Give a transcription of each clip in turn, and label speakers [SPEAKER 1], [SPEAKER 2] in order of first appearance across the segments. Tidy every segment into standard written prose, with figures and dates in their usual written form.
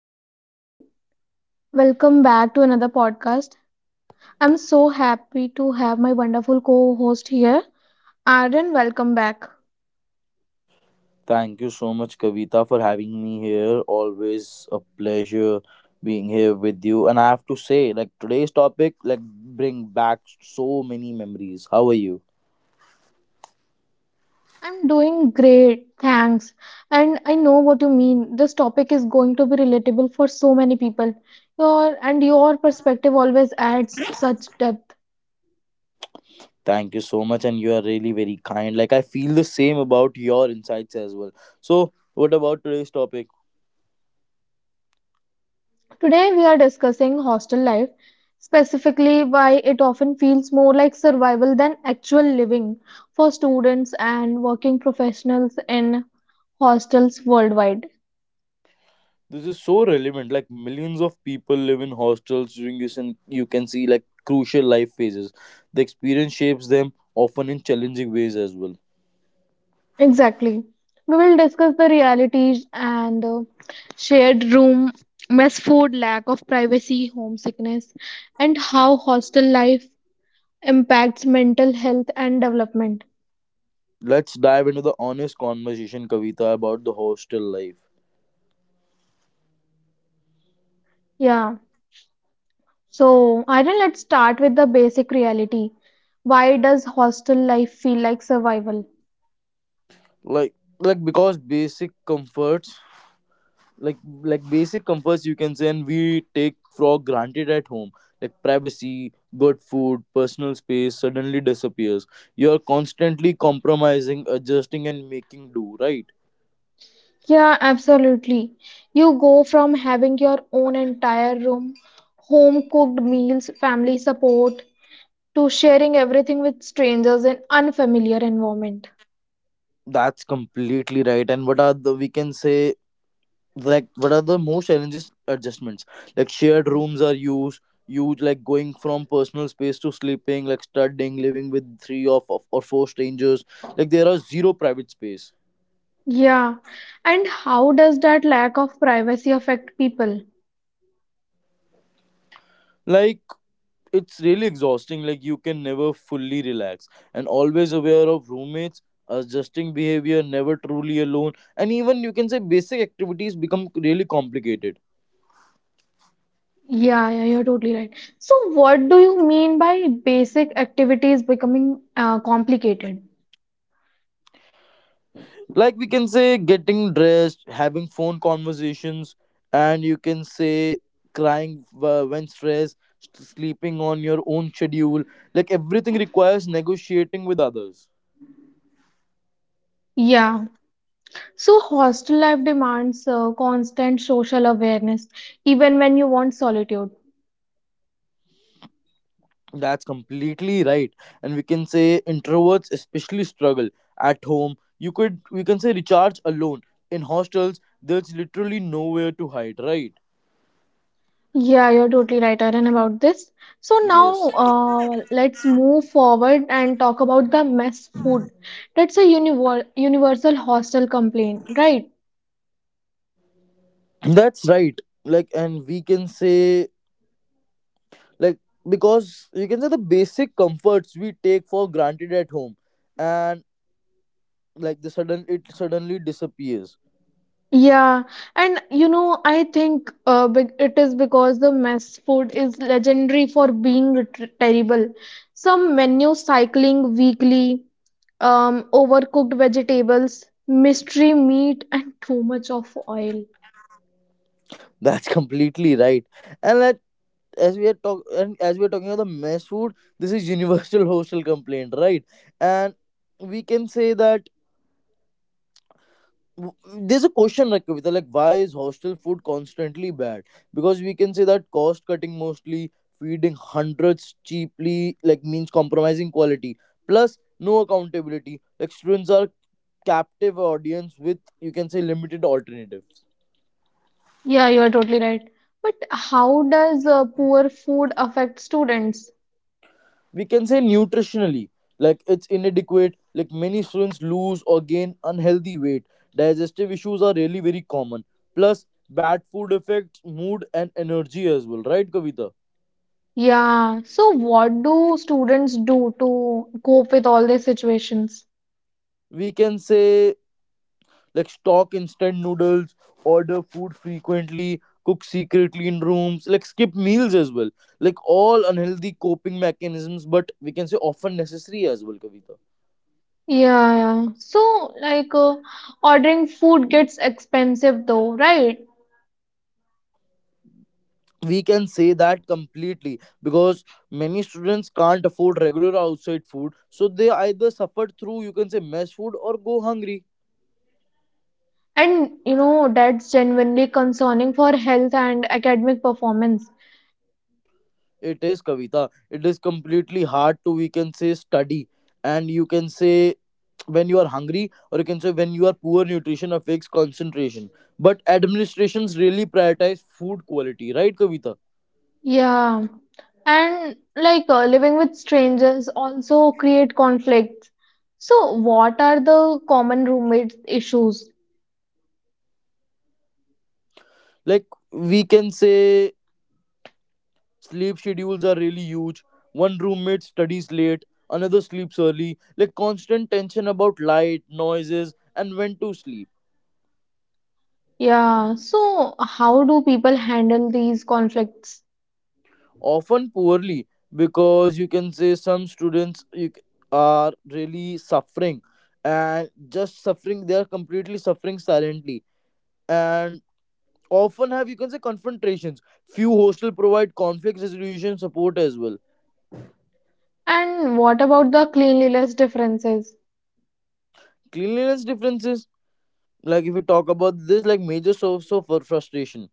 [SPEAKER 1] Hello, everyone. Welcome back to another podcast. I'm so happy to have my wonderful co host here. Aaron, welcome back.
[SPEAKER 2] Thank you so much, Kavita, for having me here. Always a pleasure being here with you. And I have to say, like today's topic, like bring back so many memories. How are you?
[SPEAKER 1] I'm doing great, thanks. And I know what you mean. This topic is going to be relatable for so many people. Your and your perspective always adds such depth.
[SPEAKER 2] Thank you so much, and you are really very kind. Like I feel the same about your insights as well. So, what about today's topic?
[SPEAKER 1] Today we are discussing hostel life, specifically why it often feels more like survival than actual living for students and working professionals in hostels worldwide.
[SPEAKER 2] This is so relevant. Like millions of people live in hostels during this, and you can see like crucial life phases. The experience shapes them often in challenging ways as well.
[SPEAKER 1] Exactly. We will discuss the realities and shared room, mess food, lack of privacy, homesickness, and how hostel life impacts mental health and development.
[SPEAKER 2] Let's dive into the honest conversation, Kavita, about the hostel life.
[SPEAKER 1] Yeah. So, Aryan, let's start with the basic reality. Why does hostel life feel like survival?
[SPEAKER 2] Like like because basic comforts, like basic comforts, you can say, and we take for granted at home, like privacy, good food, personal space, suddenly disappears. You're constantly compromising, adjusting, and making do, right?
[SPEAKER 1] Yeah, absolutely. You go from having your own entire room, home cooked meals, family support, to sharing everything with strangers in unfamiliar environment.
[SPEAKER 2] That's completely right. And what are the, we can say, like what are the most challenges, adjustments? Like shared rooms are used huge. Like going from personal space to sleeping, like studying, living with three of or four strangers, like there are zero private space.
[SPEAKER 1] Yeah, and how does that lack of privacy affect people?
[SPEAKER 2] Like it's really exhausting. Like you can never fully relax, and always aware of roommates, adjusting behavior, never truly alone. And even, you can say, basic activities become really complicated.
[SPEAKER 1] Yeah, yeah, you're totally right. So what do you mean by basic activities becoming complicated?
[SPEAKER 2] Like we can say, getting dressed, having phone conversations, and you can say crying when stressed, sleeping on your own schedule, like everything requires negotiating with others.
[SPEAKER 1] Yeah, so hostel life demands constant social awareness even when you want solitude.
[SPEAKER 2] That's completely right. And we can say introverts especially struggle. At home you could, we can say, recharge alone. In hostels there's literally nowhere to hide, right?
[SPEAKER 1] Yeah, you're totally right, Aaron, about this. So
[SPEAKER 2] Yes,
[SPEAKER 1] now let's move forward and talk about the mess food. That's a universal hostel complaint, right?
[SPEAKER 2] that's right. Like, and we can say, like because, you can say, the basic comforts we take for granted at home and, like, the sudden it suddenly disappears.
[SPEAKER 1] Yeah, and you know, I think be it is because the mess food is legendary for being tr terrible. Some menu cycling weekly, overcooked vegetables, mystery meat, and too much of oil.
[SPEAKER 2] That's completely right. And, like, as we are talking about the mess food, this is universal hostel complaint, right? And we can say that, there's a question like, Kavita, like why is hostel food constantly bad? Because we can say that cost cutting mostly, feeding hundreds cheaply, like means compromising quality. Plus, no accountability. Like students are captive audience with, you can say, limited alternatives.
[SPEAKER 1] Yeah, you are totally right. But how does poor food affect students?
[SPEAKER 2] We can say nutritionally, like it's inadequate. Like many students lose or gain unhealthy weight. Digestive issues are really very common. Plus, bad food affects mood and energy as well, right, Kavita?
[SPEAKER 1] Yeah, so what do students do to cope with all these situations?
[SPEAKER 2] We can say, like stock instant noodles, order food frequently, cook secretly in rooms, like skip meals as well. Like all unhealthy coping mechanisms, but we can say often necessary as well, Kavita.
[SPEAKER 1] Yeah, yeah. So, like, ordering food gets expensive though, right?
[SPEAKER 2] We can say that completely, because many students can't afford regular outside food, so they either suffer through, you can say, mess food or go hungry.
[SPEAKER 1] And you know, that's genuinely concerning for health and academic performance.
[SPEAKER 2] It is, Kavita. It is completely hard to, we can say, study, and you can say, when you are hungry, or you can say, when you are poor, nutrition affects concentration. But administrations really prioritize food quality, right, Kavita?
[SPEAKER 1] Yeah, and like living with strangers also create conflicts. So, what are the common roommate issues?
[SPEAKER 2] Like we can say sleep schedules are really huge. One roommate studies late, another sleeps early, like constant tension about light, noises, and when to sleep.
[SPEAKER 1] Yeah, so how do people handle these conflicts?
[SPEAKER 2] Often poorly, because you can say some students, are really suffering, and just suffering, they are completely suffering silently, and often have, you can say, confrontations. Few hostel provide conflict resolution support as well.
[SPEAKER 1] And what about the cleanliness differences?
[SPEAKER 2] Cleanliness differences, like if we talk about this, like major source of frustration.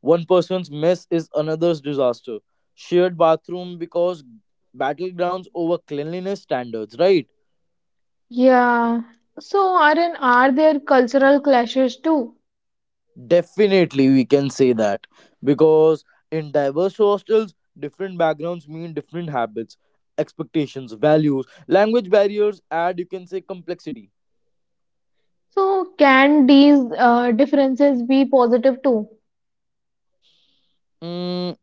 [SPEAKER 2] One person's mess is another's disaster. Shared bathroom, because battlegrounds over cleanliness standards, right?
[SPEAKER 1] Yeah, so are there cultural clashes too?
[SPEAKER 2] Definitely, we can say that, because in diverse hostels, different backgrounds mean different habits, expectations, values, language barriers, and you can say complexity.
[SPEAKER 1] So, can these differences be positive too?
[SPEAKER 2] Mm,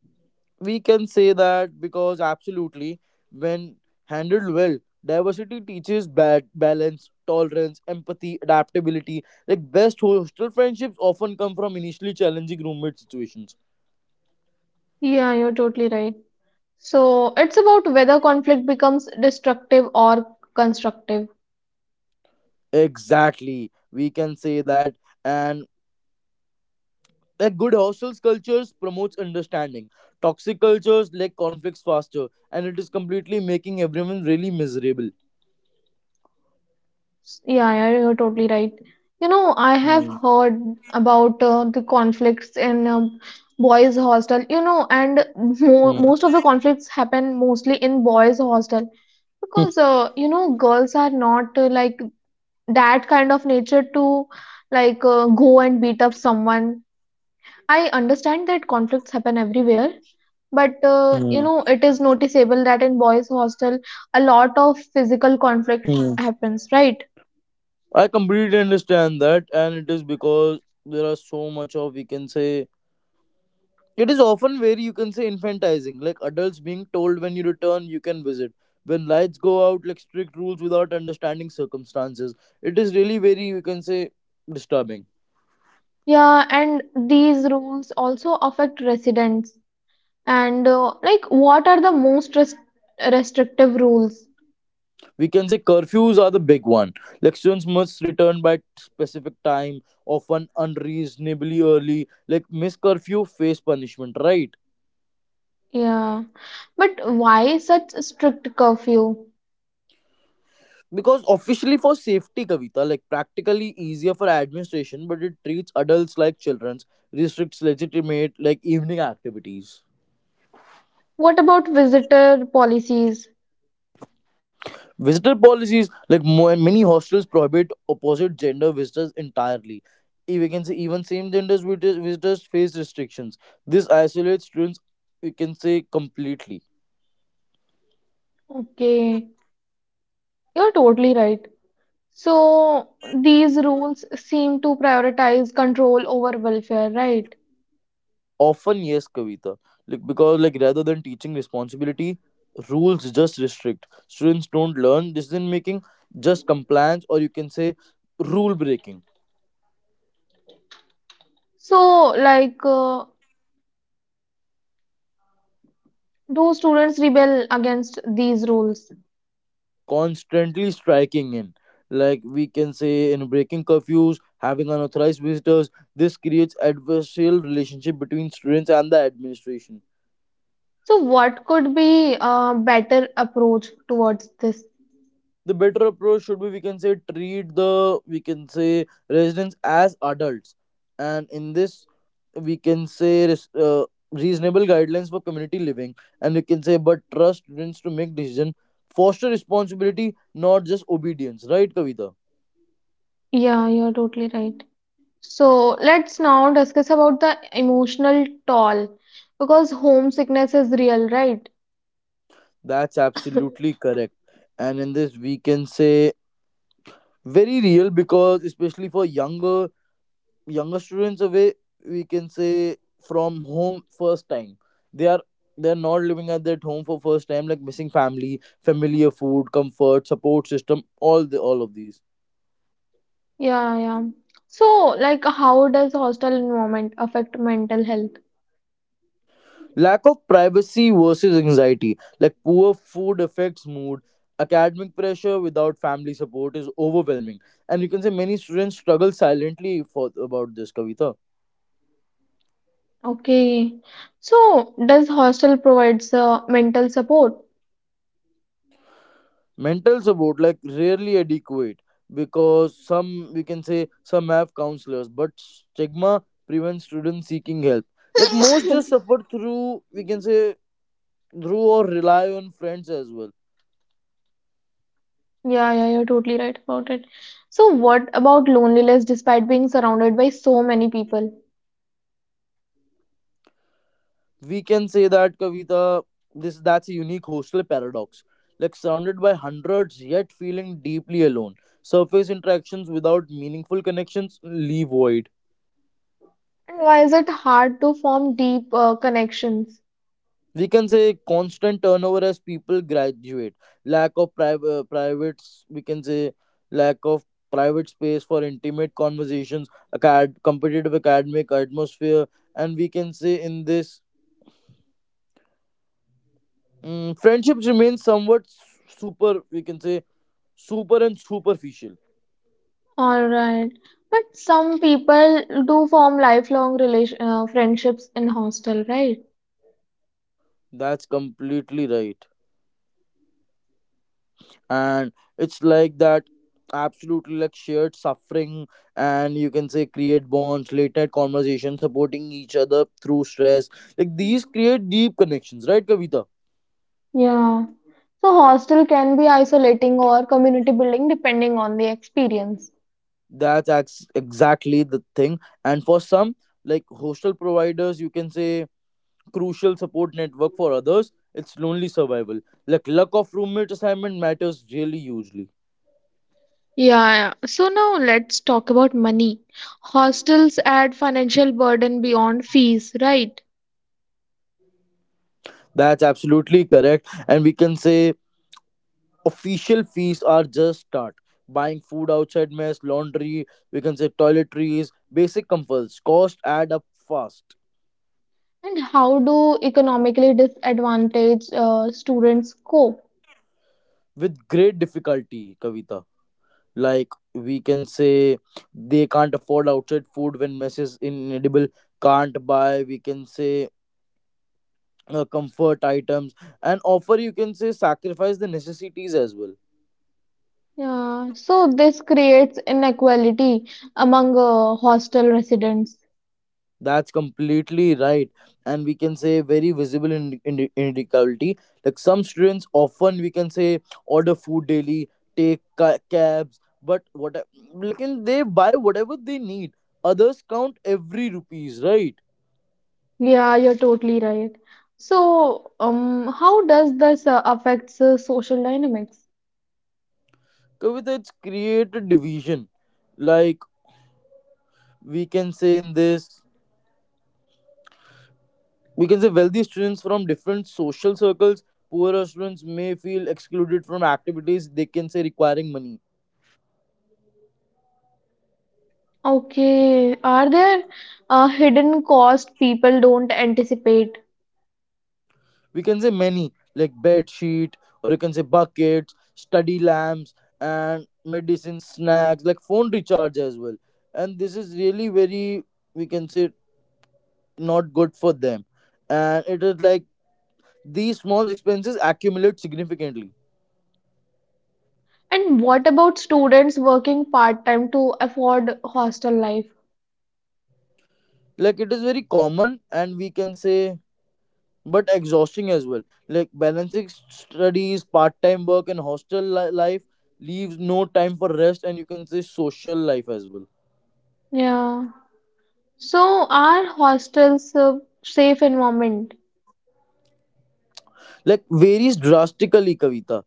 [SPEAKER 2] we can say that, because absolutely, when handled well, diversity teaches bad balance, tolerance, empathy, adaptability. Like best hostel friendships often come from initially challenging roommate situations.
[SPEAKER 1] Yeah, you're totally right. So it's about whether conflict becomes destructive or constructive.
[SPEAKER 2] Exactly, we can say that. And like good hostels cultures promotes understanding. Toxic cultures, like conflicts faster, and it is completely making everyone really miserable.
[SPEAKER 1] Yeah, yeah, you're totally right. You know, I have
[SPEAKER 2] Hmm.
[SPEAKER 1] heard about the conflicts in boys' hostel, you know, and mo
[SPEAKER 2] Hmm.
[SPEAKER 1] most of the conflicts happen mostly in boys' hostel because, you know, girls are not like that kind of nature to like go and beat up someone. I understand that conflicts happen everywhere, but you
[SPEAKER 2] Hmm.
[SPEAKER 1] know, it is noticeable that in boys' hostel, a lot of physical conflict
[SPEAKER 2] Hmm.
[SPEAKER 1] happens, right?
[SPEAKER 2] I completely understand that, and it is because there are so much of, we can say, it is often very, you can say, infantizing. Like adults being told when you return, you can visit, when lights go out, like strict rules without understanding circumstances. It is really very, you can say, disturbing.
[SPEAKER 1] Yeah, and these rules also affect residents. And like, what are the most restrictive rules?
[SPEAKER 2] We can say curfews are the big one. Like students must return by specific time, often unreasonably early. Like miss curfew, face punishment, right?
[SPEAKER 1] Yeah, but why such strict curfew?
[SPEAKER 2] Because officially for safety, Kavita, like practically easier for administration, but it treats adults like children, restricts legitimate like evening activities.
[SPEAKER 1] What about visitor policies?
[SPEAKER 2] Visitor policies, like many hostels prohibit opposite gender visitors entirely. We can say even same genders visitors face restrictions. This isolates students. We can say completely.
[SPEAKER 1] Okay, you're totally right. So these rules seem to prioritize control over welfare, right?
[SPEAKER 2] Often yes, Kavita. Like because, like rather than teaching responsibility, rules just restrict. Students don't learn decision making, just compliance, or you can say rule breaking.
[SPEAKER 1] So, like, do students rebel against these rules?
[SPEAKER 2] Constantly striking in, like we can say in breaking curfews, having unauthorized visitors. This creates adversarial relationship between students and the administration.
[SPEAKER 1] So, what could be a better approach towards this?
[SPEAKER 2] The better approach should be, we can say, treat the, we can say, residents as adults, and in this, we can say, reasonable guidelines for community living, and we can say, but trust students to make decision, foster responsibility, not just obedience, right, Kavita?
[SPEAKER 1] Yeah, you're totally right. So, let's now discuss about the emotional toll because homesickness is real, right?
[SPEAKER 2] That's absolutely correct. And in this we can say very real, because especially for younger, students away, we can say, from home first time. They are they're not living at that home for first time, like missing family, familiar food, comfort, support system, all of these.
[SPEAKER 1] Yeah, yeah. So, like, how does hostel environment affect mental health?
[SPEAKER 2] Lack of privacy versus anxiety. Like poor food affects mood. Academic pressure without family support is overwhelming. And you can say many students struggle silently for about this, Kavita.
[SPEAKER 1] Okay. So, does hostel provides mental support?
[SPEAKER 2] Mental support, like rarely adequate, because some, we can say, some have counselors, but stigma prevents students seeking help. Like most just suffer through, we can say, through or rely on friends as well.
[SPEAKER 1] Yeah, yeah, you're totally right about it. So, what about loneliness despite being surrounded by so many people?
[SPEAKER 2] We can say that, Kavita. This That's a unique hostel paradox. Like surrounded by hundreds, yet feeling deeply alone. Surface interactions without meaningful connections leave void.
[SPEAKER 1] And why is it hard to form deep connections?
[SPEAKER 2] We can say constant turnover as people graduate, lack of private, privates, we can say, lack of private space for intimate conversations, competitive academic atmosphere, and we can say in this, friendships remain somewhat super, we can say, superficial.
[SPEAKER 1] All right. But some people do form lifelong relation friendships in hostel, right?
[SPEAKER 2] That's completely right. And it's like that absolutely. Like shared suffering, and you can say create bonds, late night conversations, supporting each other through stress, like these create deep connections, right, Kavita?
[SPEAKER 1] Yeah. So, hostel can be isolating or community building depending on the experience.
[SPEAKER 2] That's exactly the thing. And for some, like hostel providers, you can say, crucial support network. For others it's lonely survival. Like luck of roommate assignment matters really hugely.
[SPEAKER 1] Yeah, yeah. So now let's talk about money. Hostels add financial burden beyond fees, right?
[SPEAKER 2] That's absolutely correct. And we can say official fees are just start. Buying food outside mess, laundry, we can say toiletries, basic comforts cost add up fast.
[SPEAKER 1] And how do economically disadvantaged students cope?
[SPEAKER 2] With great difficulty, Kavita. Like, we can say, they can't afford outside food when mess is inedible, can't buy, we can say, comfort items, and offer, you can say, sacrifice the necessities as well.
[SPEAKER 1] Yeah, so this creates inequality among hostel residents.
[SPEAKER 2] That's completely right, and we can say very visible in inequality. Like some students often, we can say, order food daily, take cabs, but what, like and they buy whatever they need. Others count every rupees, right?
[SPEAKER 1] Yeah, you're totally right. So, how does this affects social dynamics?
[SPEAKER 2] Kavita, it's created division. Like, we can say in this, we can say wealthy students from different social circles. Poorer students may feel excluded from activities they can say requiring money.
[SPEAKER 1] Okay, are there hidden costs people don't anticipate?
[SPEAKER 2] We can say many, like bed sheet, or you can say buckets, study lamps, and medicine, snacks, like phone recharge as well. And this is really very, we can say, not good for them. And it is like, these small expenses accumulate significantly.
[SPEAKER 1] And what about students working part-time to afford hostel life?
[SPEAKER 2] Like it is very common, and we can say, but exhausting as well. Like balancing studies, part-time work, and hostel life leaves no time for rest and, you can say, social life as well.
[SPEAKER 1] Yeah. So, are hostels a safe environment?
[SPEAKER 2] Like varies drastically, Kavita,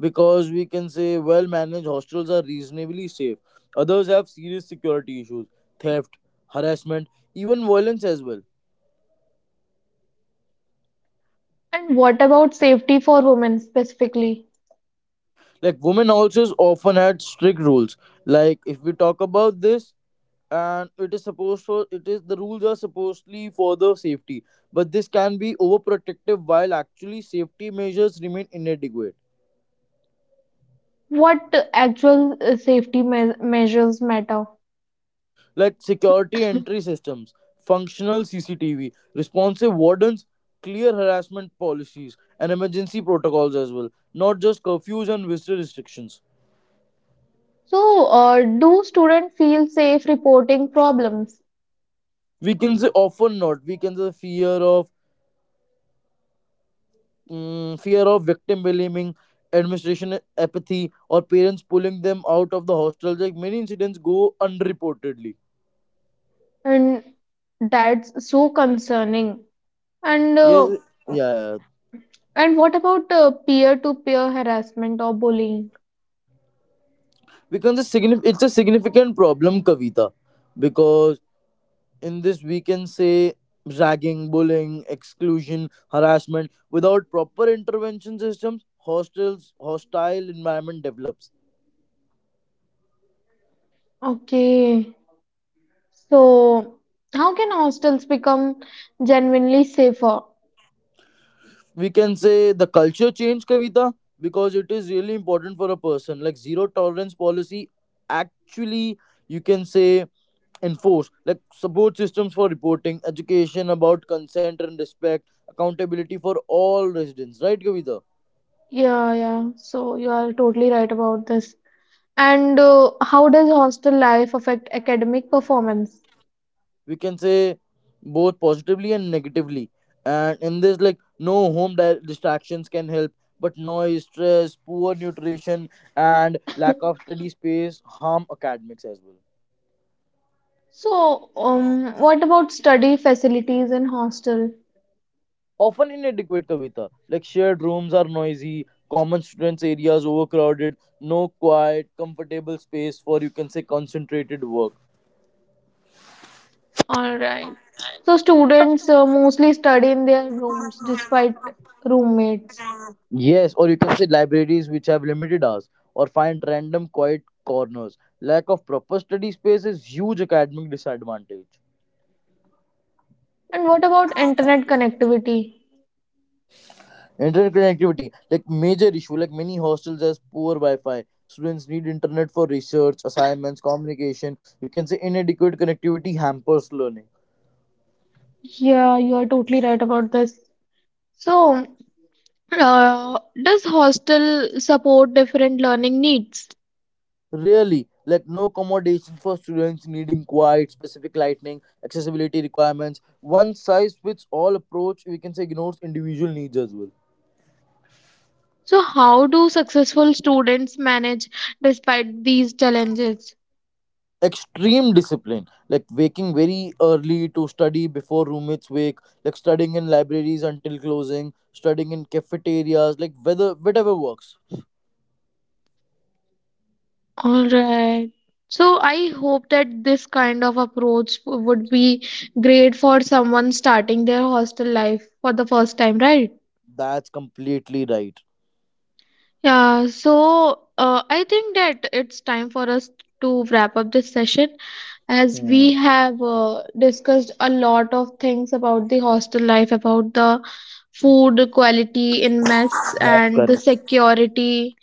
[SPEAKER 2] because we can say well managed hostels are reasonably safe. Others have serious security issues: theft, harassment, even violence as well.
[SPEAKER 1] And what about safety for women specifically?
[SPEAKER 2] Like women also often had strict rules. Like if we talk about this, and it is supposed for it is the rules are supposedly for the safety, but this can be overprotective while actually safety measures remain inadequate.
[SPEAKER 1] What actual safety me- measures matter?
[SPEAKER 2] Like security entry systems, functional CCTV, responsive wardens, clear harassment policies, and emergency protocols as well, not just curfews and visitor restrictions.
[SPEAKER 1] So, do students feel safe reporting problems?
[SPEAKER 2] We can say often not. We can say fear of, fear of victim blaming, administration apathy, or parents pulling them out of the hostel. Like many incidents go unreportedly.
[SPEAKER 1] And that's so concerning. And
[SPEAKER 2] Yes,
[SPEAKER 1] uh,
[SPEAKER 2] yeah, yeah.
[SPEAKER 1] and what about peer-to-peer harassment or bullying?
[SPEAKER 2] Because it's a it's a significant problem, Kavita, because in this we can say ragging, bullying, exclusion, harassment without proper intervention systems, hostels hostile environment develops.
[SPEAKER 1] Okay, so how can hostels become genuinely safer?
[SPEAKER 2] We can say the culture change, Kavita, because it is really important for a person. Like zero tolerance policy actually, you can say, enforce. Like support systems for reporting, education about consent and respect, accountability for all residents, right, Kavita?
[SPEAKER 1] Yeah, yeah. So you are totally right about this. And how does hostel life affect academic performance?
[SPEAKER 2] We can say both positively and negatively. And in this, like no home distractions can help, but noise, stress, poor nutrition, and lack of study space harm academics as well.
[SPEAKER 1] So, what about study facilities in hostel?
[SPEAKER 2] Often inadequate, Kavita. Like shared rooms are noisy, common students areas overcrowded, no quiet comfortable space for, you can say, concentrated work.
[SPEAKER 1] All right. So students mostly study in their rooms despite roommates.
[SPEAKER 2] Yes, or you can say libraries which have limited hours, or find random quiet corners. Lack of proper study space is huge academic disadvantage.
[SPEAKER 1] And what about internet connectivity?
[SPEAKER 2] Internet connectivity, like major issue, like many hostels has poor Wi-Fi. Students need internet for research, assignments, communication. You can say inadequate connectivity hampers learning.
[SPEAKER 1] Yeah, you are totally right about this. So, uh, does hostel support different learning needs?
[SPEAKER 2] Really, like no accommodations for students needing quiet, specific lighting, accessibility requirements. One size fits all approach, we can say ignores individual needs as well.
[SPEAKER 1] So, how do successful students manage despite these challenges?
[SPEAKER 2] Extreme discipline, like waking very early to study before roommates wake, like studying in libraries until closing, studying in cafeterias, like whether whatever works.
[SPEAKER 1] All right. So, I hope that this kind of approach would be great for someone starting their hostel life for the first time, right?
[SPEAKER 2] That's completely right.
[SPEAKER 1] Yeah. So, I think that it's time for us to wrap up this session as
[SPEAKER 2] Hmm,
[SPEAKER 1] we have discussed a lot of things about the hostel life, about the food quality in mess
[SPEAKER 2] that's correct.
[SPEAKER 1] and the security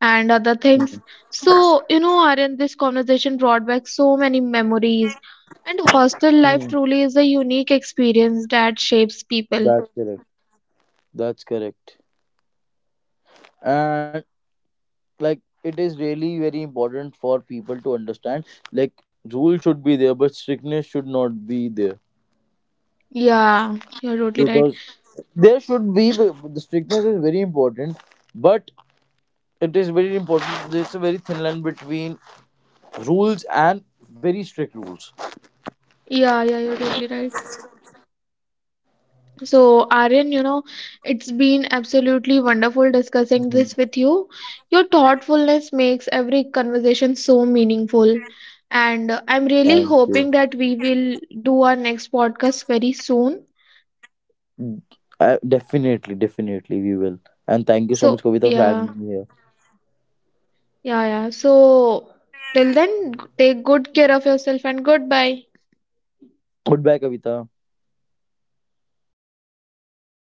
[SPEAKER 1] and other
[SPEAKER 2] Hmm,
[SPEAKER 1] things. So, you know, Aryan, this conversation brought back so many memories. And hostel
[SPEAKER 2] hmm,
[SPEAKER 1] life truly is a unique experience that shapes people.
[SPEAKER 2] that's correct. That's correct. And like it is really very important for people to understand, like rule should be there, but strictness should not be there.
[SPEAKER 1] Yeah, you're totally right.
[SPEAKER 2] Because there should be, the strictness is very important, but it is very important, there's a very thin line between rules and very strict rules.
[SPEAKER 1] Yeah, yeah, you're totally right. So, Aryan, you know, it's been absolutely wonderful discussing
[SPEAKER 2] Mhm.
[SPEAKER 1] this with you. Your thoughtfulness makes every conversation so meaningful. And I'm really
[SPEAKER 2] Thank you.
[SPEAKER 1] hoping that we will do our next podcast very soon.
[SPEAKER 2] Definitely, we will, and thank you so
[SPEAKER 1] So,
[SPEAKER 2] much, Kavita, for having
[SPEAKER 1] yeah.
[SPEAKER 2] me here.
[SPEAKER 1] Yeah, yeah. So till then, take good care of yourself and goodbye.
[SPEAKER 2] Goodbye, Kavita.